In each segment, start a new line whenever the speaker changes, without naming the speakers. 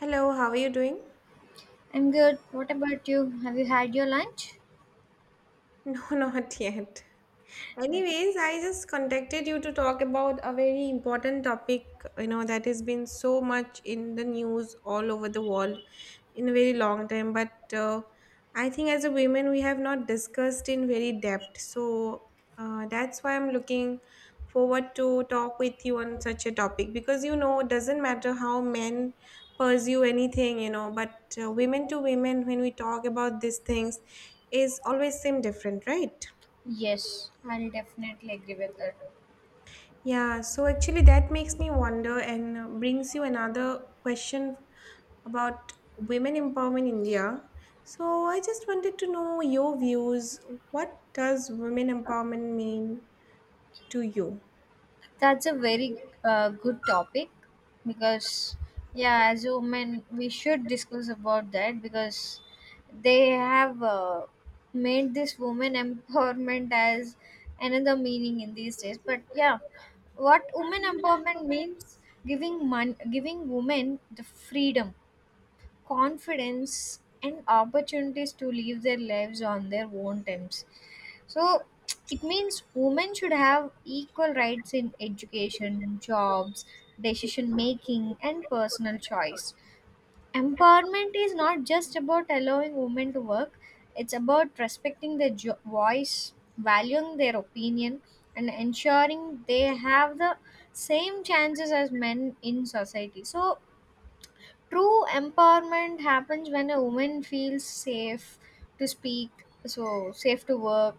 Hello, how are you doing?
I'm good. What about you? Have you had your lunch?
No, not yet.
Right.
Anyways, I just contacted you to talk about a very important topic, you know, that has been so much in the news all over the world in a very long time. But I think as a women, we have not discussed in very depth. So that's why I'm looking forward to talk with you on such a topic because you know, it doesn't matter how men pursue anything, you know, but women to women, when we talk about these things, is always seem different, right?
Yes, I'll definitely agree with that.
Yeah, so actually that makes me wonder and brings you another question about women empowerment in India. So I just wanted to know your views. What does women empowerment mean to you?
That's a very good topic because, yeah, as a woman, we should discuss about that because they have made this woman empowerment as another meaning in these days. But yeah, what women empowerment means giving women the freedom, confidence, and opportunities to live their lives on their own terms. So it means women should have equal rights in education, jobs, decision making, and personal choice. Empowerment is not just about allowing women to work, it's about respecting their voice, valuing their opinion, and ensuring they have the same chances as men in society. So true empowerment happens when a woman feels safe to speak, so safe to work,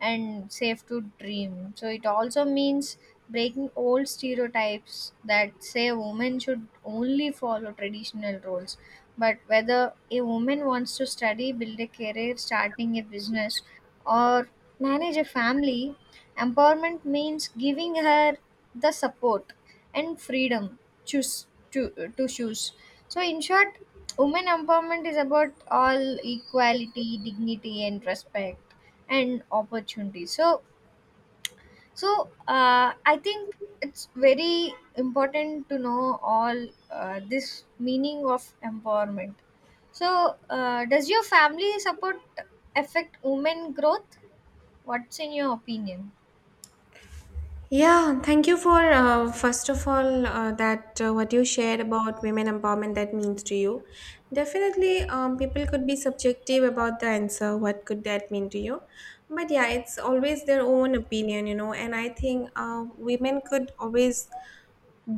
and safe to dream. So it also means breaking old stereotypes that say a woman should only follow traditional roles. But whether a woman wants to study, build a career, starting a business, or manage a family, empowerment means giving her the support and freedom to choose. So, in short, women empowerment is about all equality, dignity, and respect and opportunity. So, I think it's very important to know all this meaning of empowerment. So, does your family support affect women growth? What's in your opinion?
Yeah, thank you for first of all that what you shared about women empowerment that means to you. Definitely, people could be subjective about the answer. What could that mean to you? But yeah, it's always their own opinion, you know. And I think women could always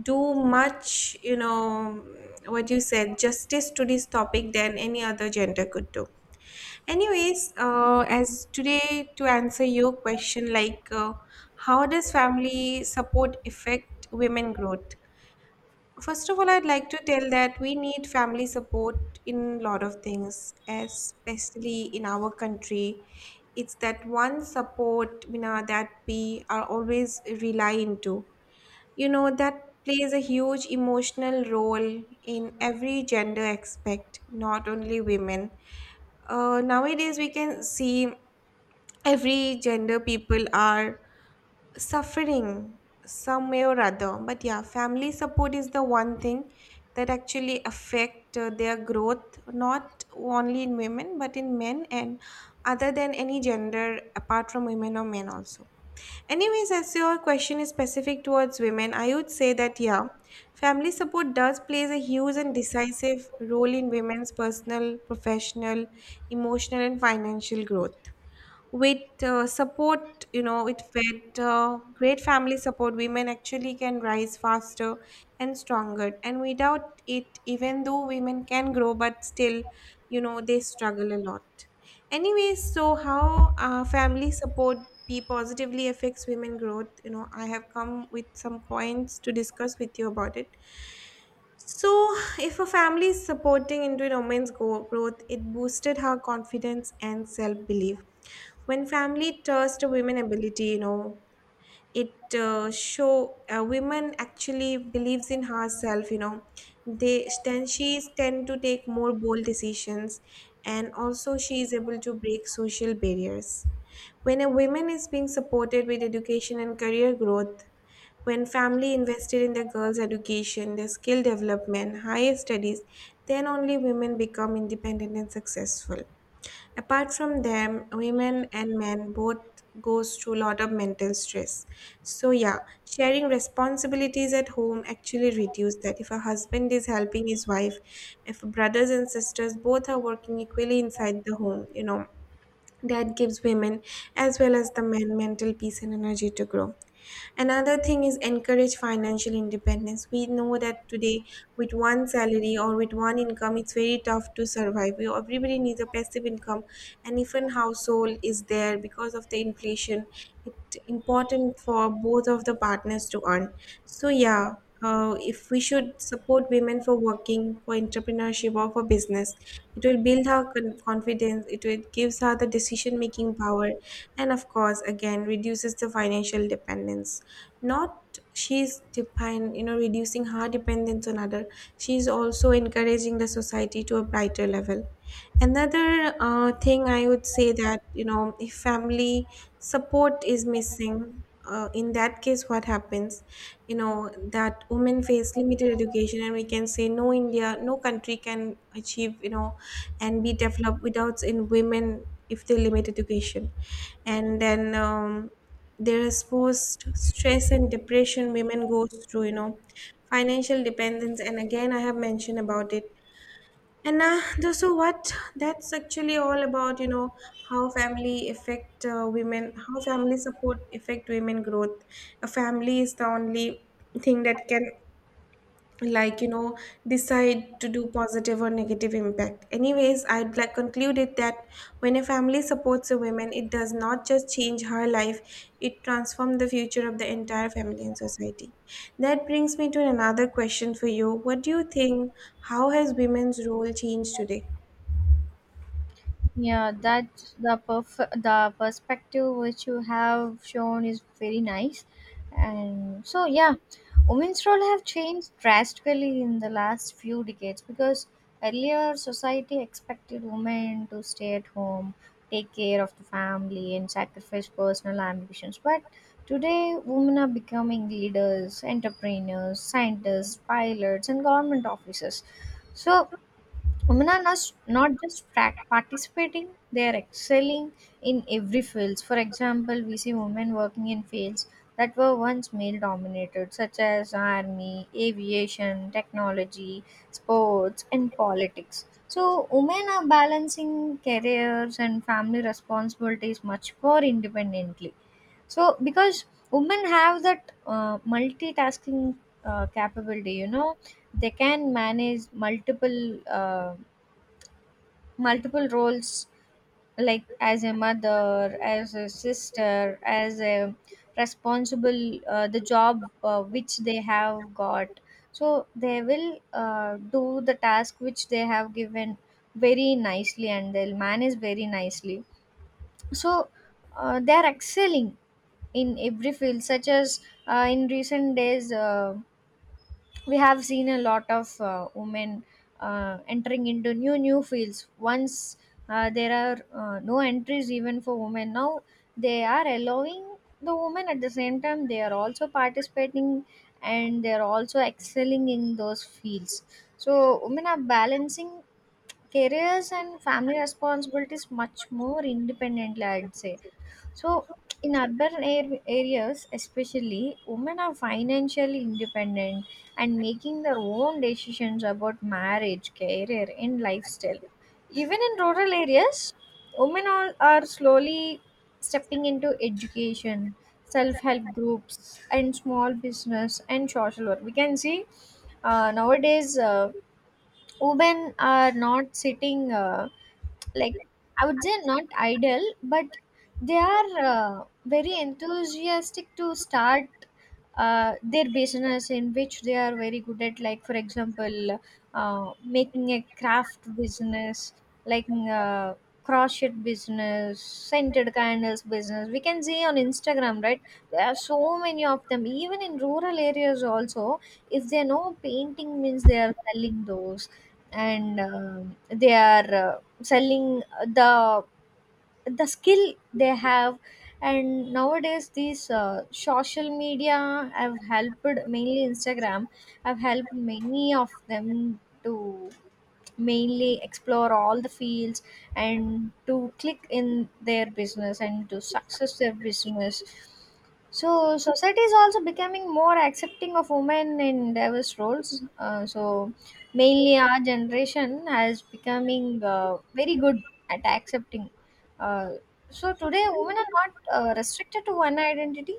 do much, you know, what you said, justice to this topic than any other gender could do. Anyways, as today to answer your question, like how does family support affect women growth? First of all, I'd like to tell that we need family support in a lot of things, especially in our country. It's that one support, you know, that we are always rely into. You know, that plays a huge emotional role in every gender aspect, not only women. Nowadays, we can see every gender people are suffering some way or other, but yeah, family support is the one thing that actually affect their growth, not only in women but in men and other than any gender apart from women or men also. Anyways, as your question is specific towards women, I would say that yeah, family support does plays a huge and decisive role in women's personal, professional, emotional and financial growth. With support, you know, with great family support women actually can rise faster and stronger, and without it, even though women can grow, but still you know, they struggle a lot. Anyways, so how family support be positively affects women growth, you know, I have come with some points to discuss with you about it. So if a family is supporting into a growth, it boosted her confidence and self-belief. When family trusts women ability, you know, it show a women actually believes in herself, you know, they then she tend to take more bold decisions, and also she is able to break social barriers. When a woman is being supported with education and career growth, when family invested in the girls education, their skill development, higher studies, then only women become independent and successful. Apart from them, women and men both goes through a lot of mental stress. So yeah, sharing responsibilities at home actually reduce that. If a husband is helping his wife, if brothers and sisters both are working equally inside the home, you know, that gives women as well as the men mental peace and energy to grow. Another thing is encourage financial independence. We know that today with one salary or with one income, it's very tough to survive. Everybody needs a passive income, and if an household is there because of the inflation, it's important for both of the partners to earn. So yeah. If we should support women for working, for entrepreneurship or for business, it will build confidence, it will gives her the decision making power, and of course again reduces the financial dependence. Not she's depend You know, reducing her dependence on other, she's also encouraging the society to a brighter level. Another thing I would say that, you know, if family support is missing in that case what happens, you know, that women face limited education, and we can say no India, no country can achieve, you know, and be developed without in women if they limit education. And then there is post stress and depression women goes through, you know, financial dependence, and again I have mentioned about it. So what that's actually all about, you know, how family affect women how family support affect women growth. A family is the only thing that can, like you know, decide to do positive or negative impact. Anyways, I'd like concluded that when a family supports a woman, it does not just change her life, it transforms the future of the entire family and society. That brings me to another question for you. What do you think, how has women's role changed today?
Yeah, the perspective which you have shown is very nice, and so yeah, women's role have changed drastically in the last few decades because earlier society expected women to stay at home, take care of the family, and sacrifice personal ambitions. But today, women are becoming leaders, entrepreneurs, scientists, pilots, and government officers. So women are not just participating, they are excelling in every fields. For example, we see women working in fields that were once male dominated, such as army, aviation, technology, sports, and politics. So women are balancing careers and family responsibilities much more independently. So because women have that multitasking capability, you know, they can manage multiple uh, multiple roles, like as a mother, as a sister, as a responsible the job which they have got. So they will do the task which they have given very nicely, and they'll manage very nicely. So they are excelling in every field such as in recent days. We have seen a lot of women entering into new fields. Once there are no entries even for women, now they are allowing the women. At the same time, they are also participating, and they are also excelling in those fields. So women are balancing careers and family responsibilities much more independently, I'd say. So in urban air areas, especially, women are financially independent and making their own decisions about marriage, career, and lifestyle. Even in rural areas, women all are slowly stepping into education, self help groups, and small business and social work. We can see nowadays. Women are not sitting like, I would say, not idle, but they are very enthusiastic to start their business in which they are very good at, like, for example, making a craft business, like, uh, crochet business, scented candles business. We can see on Instagram, right? There are so many of them, even in rural areas also. If they know painting means they are selling those, and um, they are selling the the skill they have. And nowadays these social media have helped, mainly Instagram, have helped many of them to mainly explore all the fields and to click in their business and to success their business. So society is also becoming more accepting of women in diverse roles. So mainly our generation has becoming very good at accepting. Uh, so today women are not restricted to one identity.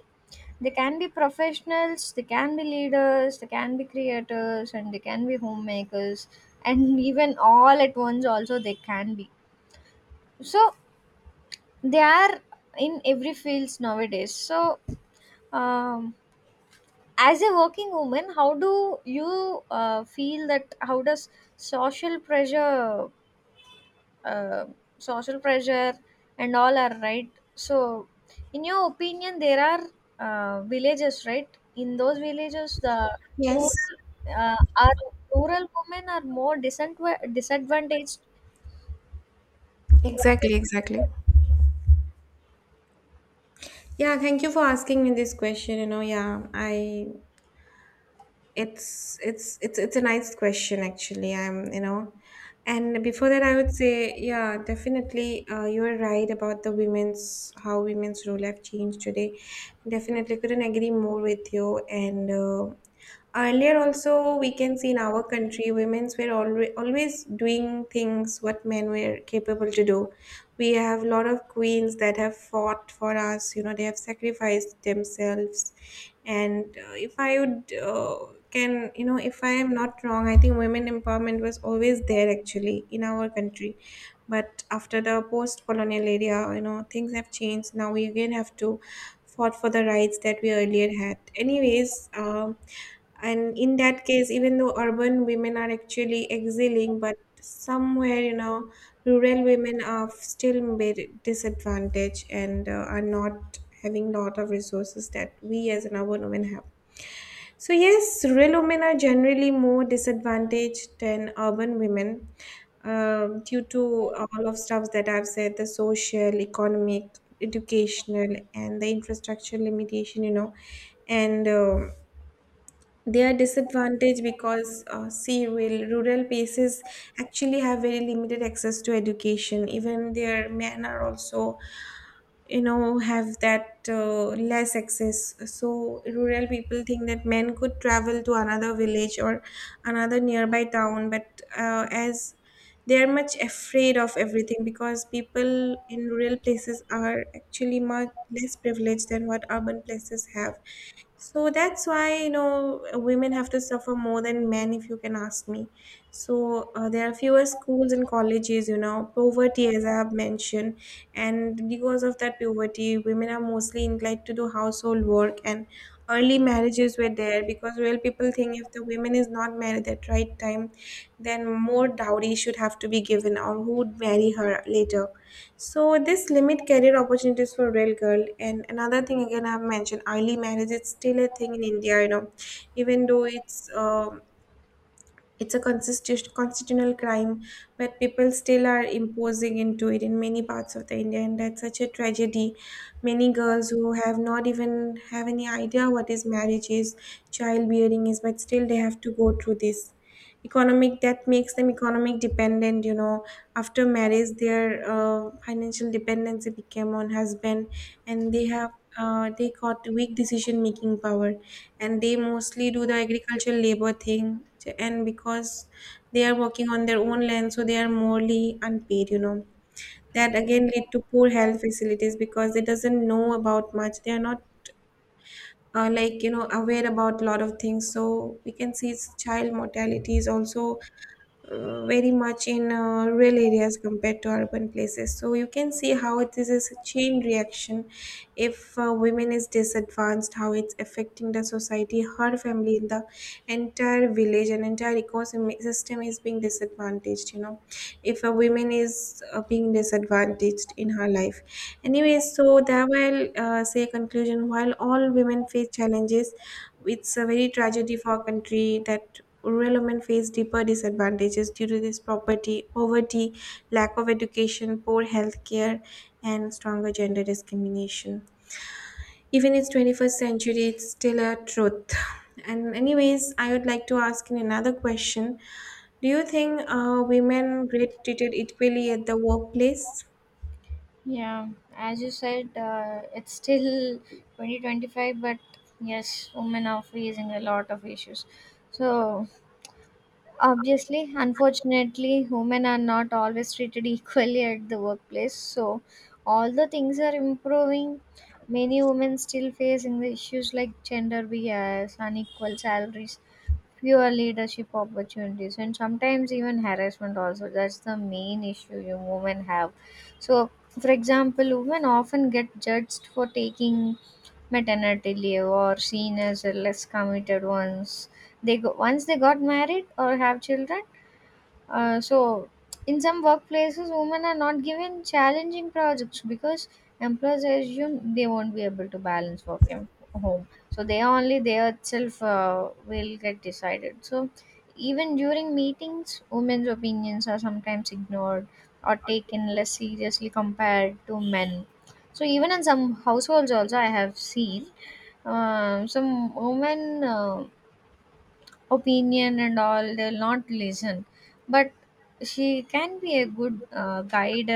They can be professionals, they can be leaders, they can be creators, and they can be homemakers, and even all at once, also, they can be. So, they are in every fields nowadays. So, um, as a working woman, how do you feel that how does social pressure uh, social pressure and all are right? So in your opinion there are villages, right? In those villages the rural
Yes,
are rural women are more disadvantaged. What do you
exactly,
think
exactly.
about?
Yeah, thank you for asking me this question, you know. Yeah I It's a nice question actually. I'm you know, and before that I would say yeah, definitely you are right about the women's how women's role have changed today. Definitely couldn't agree more with you and. Uh, Earlier, also, we can see in our country, women's were always doing things what men were capable to do. We have a lot of queens that have fought for us. You know, they have sacrificed themselves. And if I would can, You know, if I am not wrong, I think women empowerment was always there actually in our country. But after the post-colonial area, you know, things have changed. Now we again have to fought for the rights that we earlier had. Anyways, and in that case, even though urban women are actually excelling, but somewhere you know, rural women are still made disadvantaged, and are not having lot of resources that we as an urban women have. So yes, rural women are generally more disadvantaged than urban women, due to all of stuffs that I've said, the social, economic, educational, and the infrastructure limitation, you know, and they are disadvantaged because, see, rural places actually have very limited access to education. Even their men are also, you know, have that less access. So rural people think that men could travel to another village or another nearby town, but as they are much afraid of everything because people in rural places are actually much less privileged than what urban places have. So that's why, you know, women have to suffer more than men, if you can ask me. So there are fewer schools and colleges, you know, poverty, as I have mentioned. And because of that poverty, women are mostly inclined to do household work, and early marriages were there because real people think if the woman is not married at right time, then more dowry should have to be given, or who would marry her later. So this limit career opportunities for real girl. And another thing again I've mentioned, early marriage is still a thing in India, you know, even though it's a consistent constitutional crime, but people still are imposing into it in many parts of the India, and that's such a tragedy. Many girls who have not even have any idea what is marriage is, childbearing is, but still they have to go through this. Economic, that makes them economic dependent, you know, after marriage their financial dependency became on husband, and they have, they got weak decision making power, and they mostly do the agricultural labor thing, and because they are working on their own land, so they are morally unpaid, you know. That again lead to poor health facilities because they doesn't know about much, they are not like you know aware about a lot of things. So we can see it's child mortality is also very much in rural areas compared to urban places. So you can see how it is a chain reaction. If women is disadvantaged, how it's affecting the society, her family, the entire village and entire ecosystem is being disadvantaged, you know, if a woman is being disadvantaged in her life. Anyway, so that will say, conclusion, while all women face challenges, it's a very tragedy for our country that rural women face deeper disadvantages due to this property, poverty, lack of education, poor health care, and stronger gender discrimination. Even it's 21st century, it's still a truth. And anyways, I would like to ask you another question. Do you think women get treated equally at the workplace?
Yeah, as you said, it's still 2025, but yes, women are facing a lot of issues. So obviously, unfortunately, women are not always treated equally at the workplace. So, although things are improving, many women still facing the issues like gender bias, unequal salaries, fewer leadership opportunities, and sometimes even harassment. Also, that's the main issue you women have. So, for example, women often get judged for taking maternity leave or seen as a less committed ones. They go, once they got married or have children. uh, so, in some workplaces, women are not given challenging projects because employers assume they won't be able to balance work and home. So, they only they itself will get decided. So, even during meetings, women's opinions are sometimes ignored or taken less seriously compared to men. So, even in some households, also I have seen some women. Opinion and all they'll not listen, but she can be a good guide.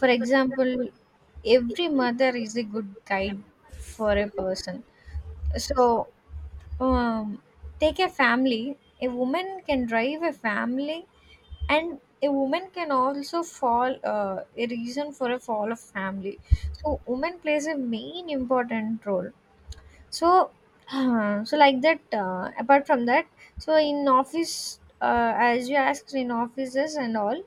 For example, every mother is a good guide for a person. So, um, take a family, a woman can drive a family, and a woman can also fall a reason for a fall of family. So woman plays a main important role. So, so like that. Apart from that, so in office, as you asked, in offices and all,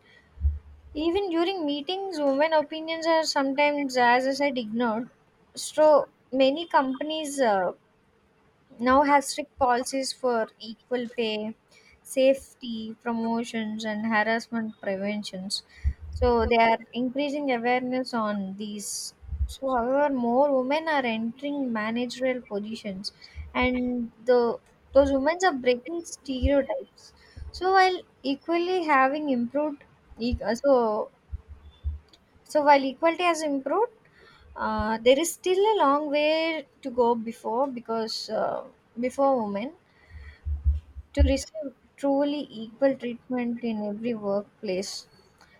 even during meetings, women opinions are sometimes, as I said, ignored. So many companies. Now has strict policies for equal pay, safety promotions, and harassment preventions. So they are increasing awareness on these. So, however, more women are entering managerial positions, and the those women are breaking stereotypes. So, while equally having improved, e- uh, so so while equality has improved, there is still a long way to go before, because before women to receive truly equal treatment in every workplace.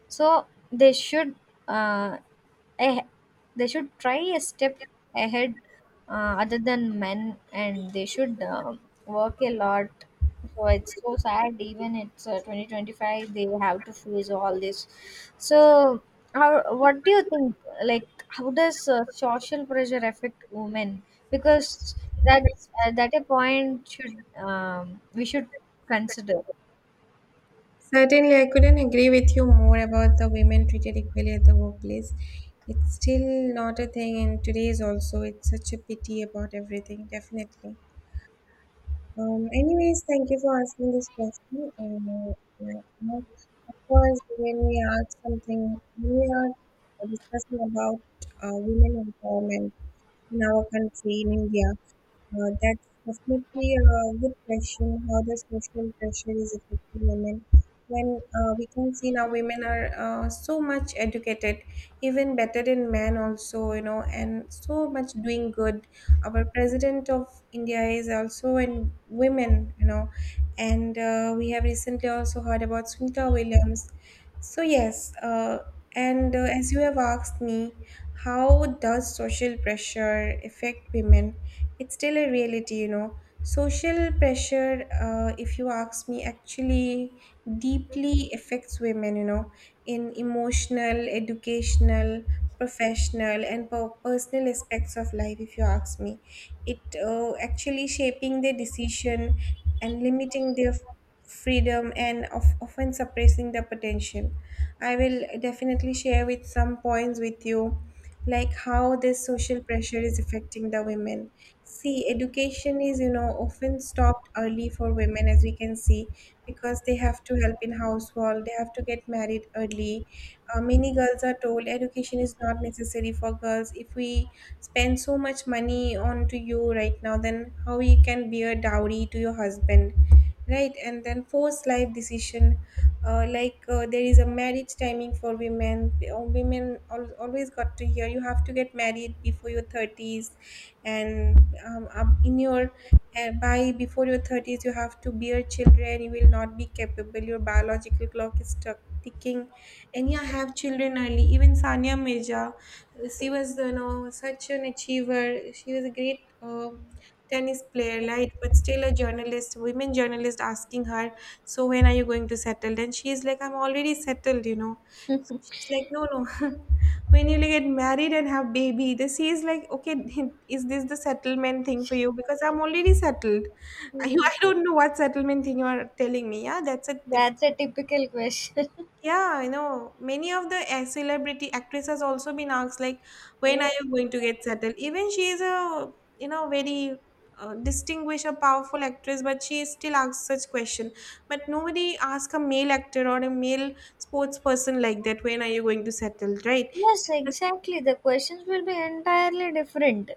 So they should, uh, eh, they should try a step ahead other than men, and they should work a lot. So it's so sad, even it's 2025 they have to face all this. So how, what do you think, like how does social pressure affect women? Because that's that a point should, we should consider.
Certainly, I couldn't agree with you more about the women treated equally at the workplace. It's still not a thing in today's also. It's such a pity about everything, definitely. Anyways, thank you for asking this question. Yeah, you know, of course, when we are discussing about women empowerment in our country, in India, that's definitely a good question. How the social pressure is affecting women? When we can see now, women are so much educated, even better than men, also, you know, and so much doing good. Our president of India is also in women, you know, and we have recently also heard about Sunita Williams. So, yes, and as you have asked me, how does social pressure affect women? It's still a reality, you know. Social pressure, if you ask me, actually deeply affects women, you know, in emotional, educational, professional, and personal aspects of life. If you ask me, it actually shaping their decision and limiting their freedom, and often suppressing the potential. I will definitely share with some points with you, like how this social pressure is affecting the women. See, education is, you know, often stopped early for women, as we can see, because they have to help in household, they have to get married early. Many girls are told education is not necessary for girls. If we spend so much money on to you right now, then how you can be a dowry to your husband, right? And then forced life decision, there is a marriage timing for women. Women always got to hear you have to get married before your thirties and in your by before your 30s you have to bear children, you will not be capable, your biological clock is stuck ticking. And yeah, have children early. Even Sania Mirza, she was, you know, such an achiever. She was a great tennis player, right? But still a journalist, women journalist, asking her, so when are you going to settle? And she is like, I'm already settled, you know. So she's like, no, no. When you get married and have baby, this he is like, okay. Is this the settlement thing for you? Because I'm already settled. i,
Hmm,
I don't know what settlement thing you are telling me. Yeah, that's a diff-
that's a typical question.
Yeah, I know many of the celebrity actresses also been asked like, when are
Yes.
you going to get settled? Even she is a, you know, very distinguished a powerful actress, but she still asks such question. But nobody ask a male actor or a male sports person like that, when are you going to settle, right?
Yes, exactly. The questions will be entirely different.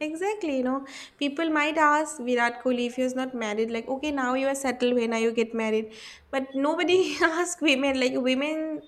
Exactly, you know, people might ask Virat Kohli if he was not married, like, okay, now you are settled, when are you get married? But nobody ask women, like, women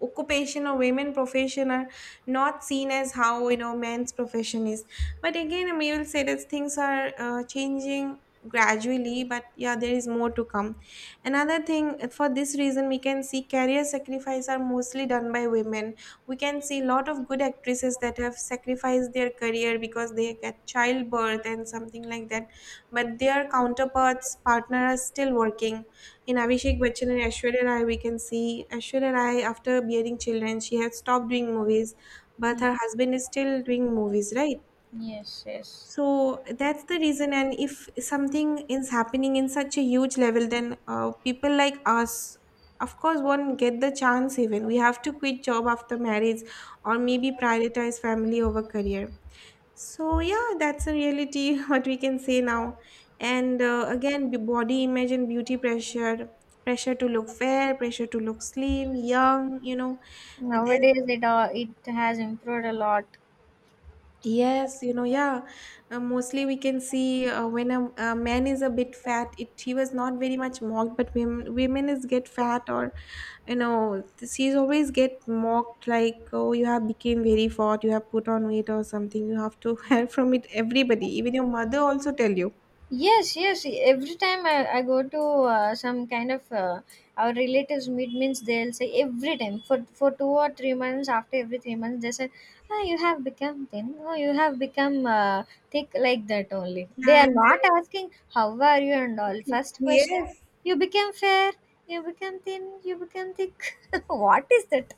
occupation or women profession are not seen as how, you know, men's profession is. But again, we will say that things are changing gradually, but yeah, there is more to come. Another thing, for this reason we can see career sacrifice are mostly done by women. We can see a lot of good actresses that have sacrificed their career because they get childbirth and something like that, but their counterparts partner are still working. In Abhishek Bachchan and Aishwarya Rai, we can see Aishwarya Rai after bearing children she has stopped doing movies, but
Ye-
her husband is still doing movies, right?
Yes, yes.
So that's the reason. And if something is happening in such a huge level, then people like us of course won't get the chance, even we have to quit job after marriage or maybe prioritize family over career. So yeah, that's a reality what we can say now. And body image and beauty pressure, pressure to look fair, pressure to look slim, young, you know, then.
Nowadays, it has improved a lot.
Yes, you know, yeah. Mostly we can see when a man is a bit fat, it he was not very much mocked, but women is get fat, or you know, she's always get mocked like, oh, you have become very fat, you have put on weight or something. You have to hear from it everybody, even your mother also tell you.
Yes, yes. Every time I go to some kind of our relatives meet means they'll say every time for 2 or 3 months, after every 3 months they say, "Ah, you have become thin. Oh, you have become thick," like that only. They
Yeah,
are
and
not asking how are you and all.
then
First question is,
yes,
you became fair, you become thin, you become thick. What is that?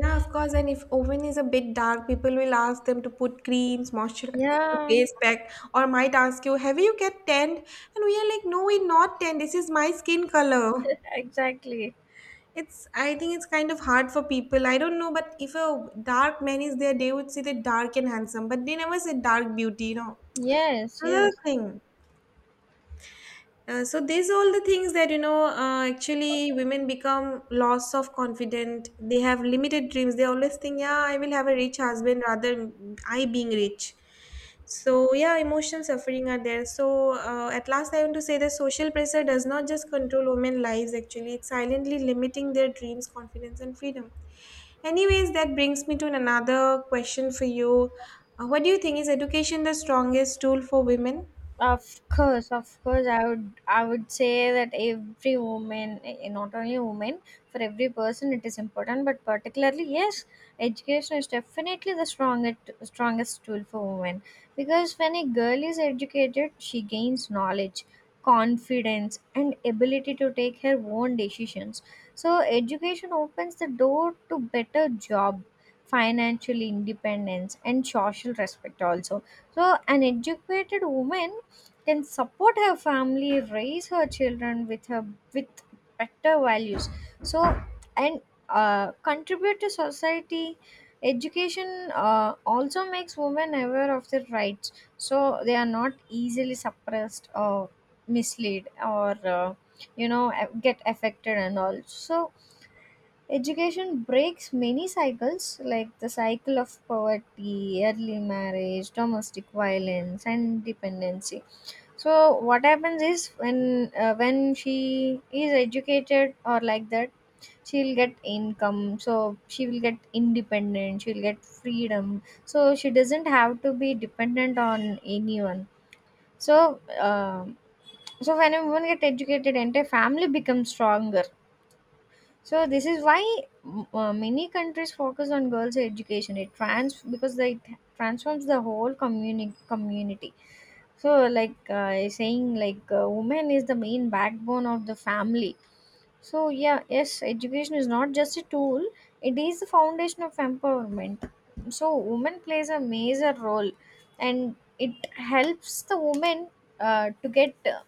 yeah, of course. And if oven is a bit dark, people will ask them to put creams, moisturizer,
Yeah,
face pack, or might ask you, "Have you get tanned?" And we are like, "No, we not tanned. This is my skin color."
exactly.
It's, I think it's kind of hard for people. I don't know, but if a dark man is there, they would say that dark and handsome, but they never say dark beauty, you know,
Yes,
another
yes.
thing. So these all the things that, you know, actually women become loss of confident, they have limited dreams, they always think, yeah, I will have a rich husband rather I being rich. So yeah, emotional suffering are there. So at last I want to say that social pressure does not just control women lives, actually it's silently limiting their dreams, confidence, and freedom. Anyways, that brings me to another question for you. What do you think, is education the strongest tool for women?
Of course, I would say that every woman, not only woman, for every person it is important, but particularly yes, education is definitely the strongest tool for women, because when a girl is educated, she gains knowledge, confidence, and ability to take her own decisions. So education opens the door to better job, financial independence, and social respect also. So, an educated woman can support her family, raise her children with her, with better values, so and contribute to society. Education also makes women aware of their rights, so they are not easily suppressed or misled, or uh, you know, get affected and all. So education breaks many cycles, like the cycle of poverty, early marriage, domestic violence, and dependency. So what happens is when, she is educated or like that, she'll get income, so she will get independent, she'll get freedom, so she doesn't have to be dependent on anyone. So um, so when a woman get educated, entire family becomes stronger. So this is why mm, many countries focus on girls' education. It transforms the whole community. So like saying like woman is the main backbone of the family. So yeah, yes, education is not just a tool; it is the foundation of empowerment. So woman plays a major role, and it helps the woman to get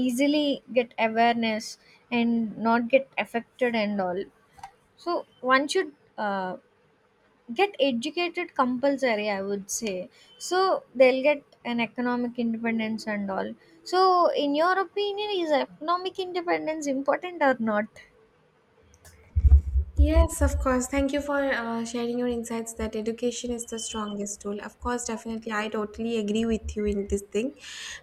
easily get awareness and not get affected and all. So one should get educated compulsory, I would say. So they'll get an economic independence and all. So in your opinion, is economic independence important or not?
Yes, of course. Thank you for sharing your insights that education is the strongest tool. Of course, definitely, I totally agree with you in this thing.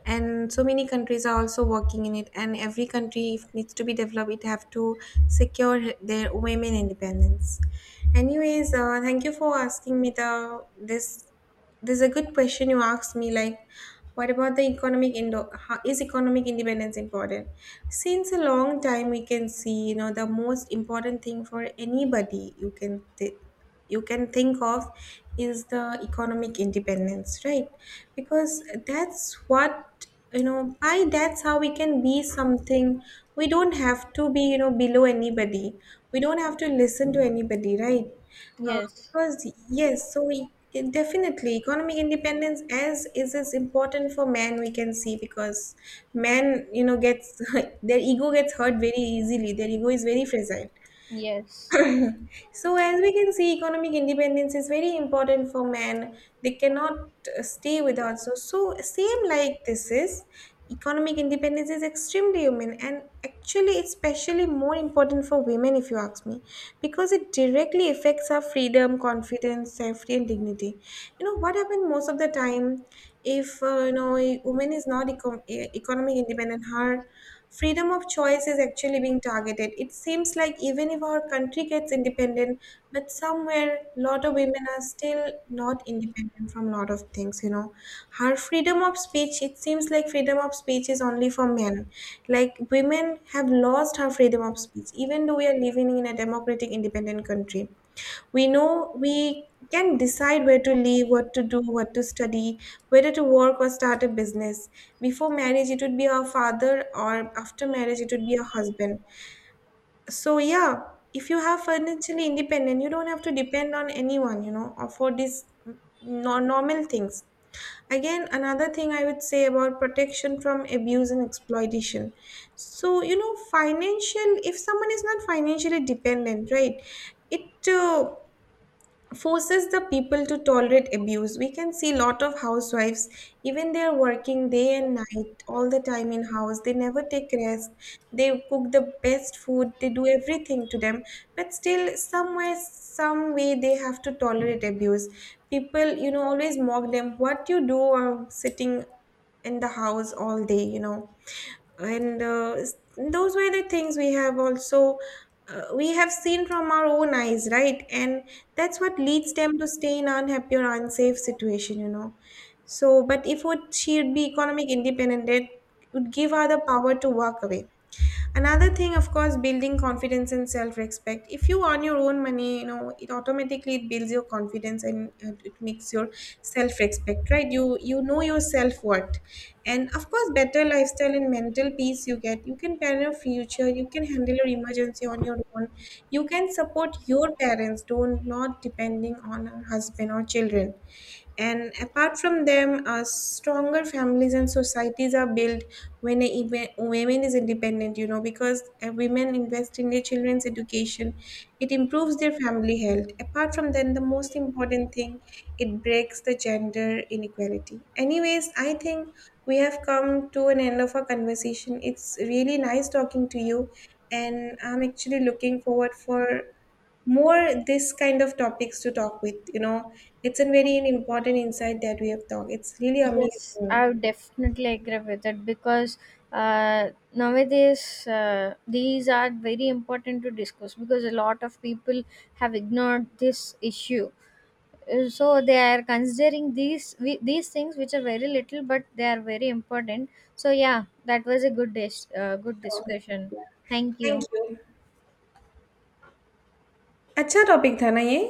And so many countries are also working in it. And every country, if needs to be developed, it have to secure their women independence. Anyways, thank you for asking me the this, there's a good question you asked me, like, what about the how is economic independence important? Since a long time, we can see, you know, the most important thing for anybody you can you can think of is the economic independence, right? Because that's what, you know, by that's how we can be something. We don't have to be, you know, below anybody. We don't have to listen to anybody, right? Uh,
Yes,
because yes, so definitely economic independence as is important for men. We can see because men, you know, gets their ego gets hurt very easily. Their ego is very fragile.
yes,
So, as we can see, economic independence is very important for men. They cannot stay without. So, same like this is, economic independence is extremely human, and actually it's especially more important for women if you ask me, because it directly affects our freedom, confidence, safety, and dignity. You know what happens most of the time, if you know, a woman is not economic independent, her freedom of choice is actually being targeted. It seems like even if our country gets independent, but somewhere lot of women are still not independent from lot of things, you know. Her freedom of speech, it seems like freedom of speech is only for men. Like women have lost her freedom of speech, even though we are living in a democratic, independent country. We know we can decide where to live, what to do, what to study, whether to work or start a business. Before marriage, it would be our father, or after marriage, it would be our husband. So, yeah, if you have financially independent, you don't have to depend on anyone, you know, or for these normal things. Again, another thing I would say about protection from abuse and exploitation. So, you know, financial, if someone is not financially dependent, right, it forces the people to tolerate abuse. We can see lot of housewives, even they are working day and night all the time in house, they never take rest, they cook the best food, they do everything to them, but still somewhere some way they have to tolerate abuse. People, you know, always mock them, what you do, are sitting in the house all day, you know. And those were the things we have also we have seen from our own eyes, right? And that's what leads them to stay in unhappy or unsafe situation, you know. So but if would she would be economic independent, it would give her the power to walk away. Another thing, of course, building confidence and self-respect. If you earn your own money, you know, it automatically, it builds your confidence, and it makes your self-respect, right? You know your self-worth. And of course, better lifestyle and mental peace you get, you can plan your future, you can handle your emergency on your own, you can support your parents, don't not depending on a husband or children. And apart from them, stronger families and societies are built when women is independent, you know, because women invest in their children's education. It improves their family health. Apart from then, the most important thing, it breaks the gender inequality. Anyways, I think we have come to an end of our conversation. It's really nice talking to you, and I'm actually looking forward for more this kind of topics to talk with, you know, it's a very important insight that we have talked, it's really
yes. I
amazing.
would definitely agree with it, because uh, nowadays these are very important to discuss, because a lot of people have ignored this issue. So they are considering these these things which are very little, but they are very important. So yeah, that was a good
Sure.
discussion. Thank
Thank
you.
you. अच्छा topic था ना ये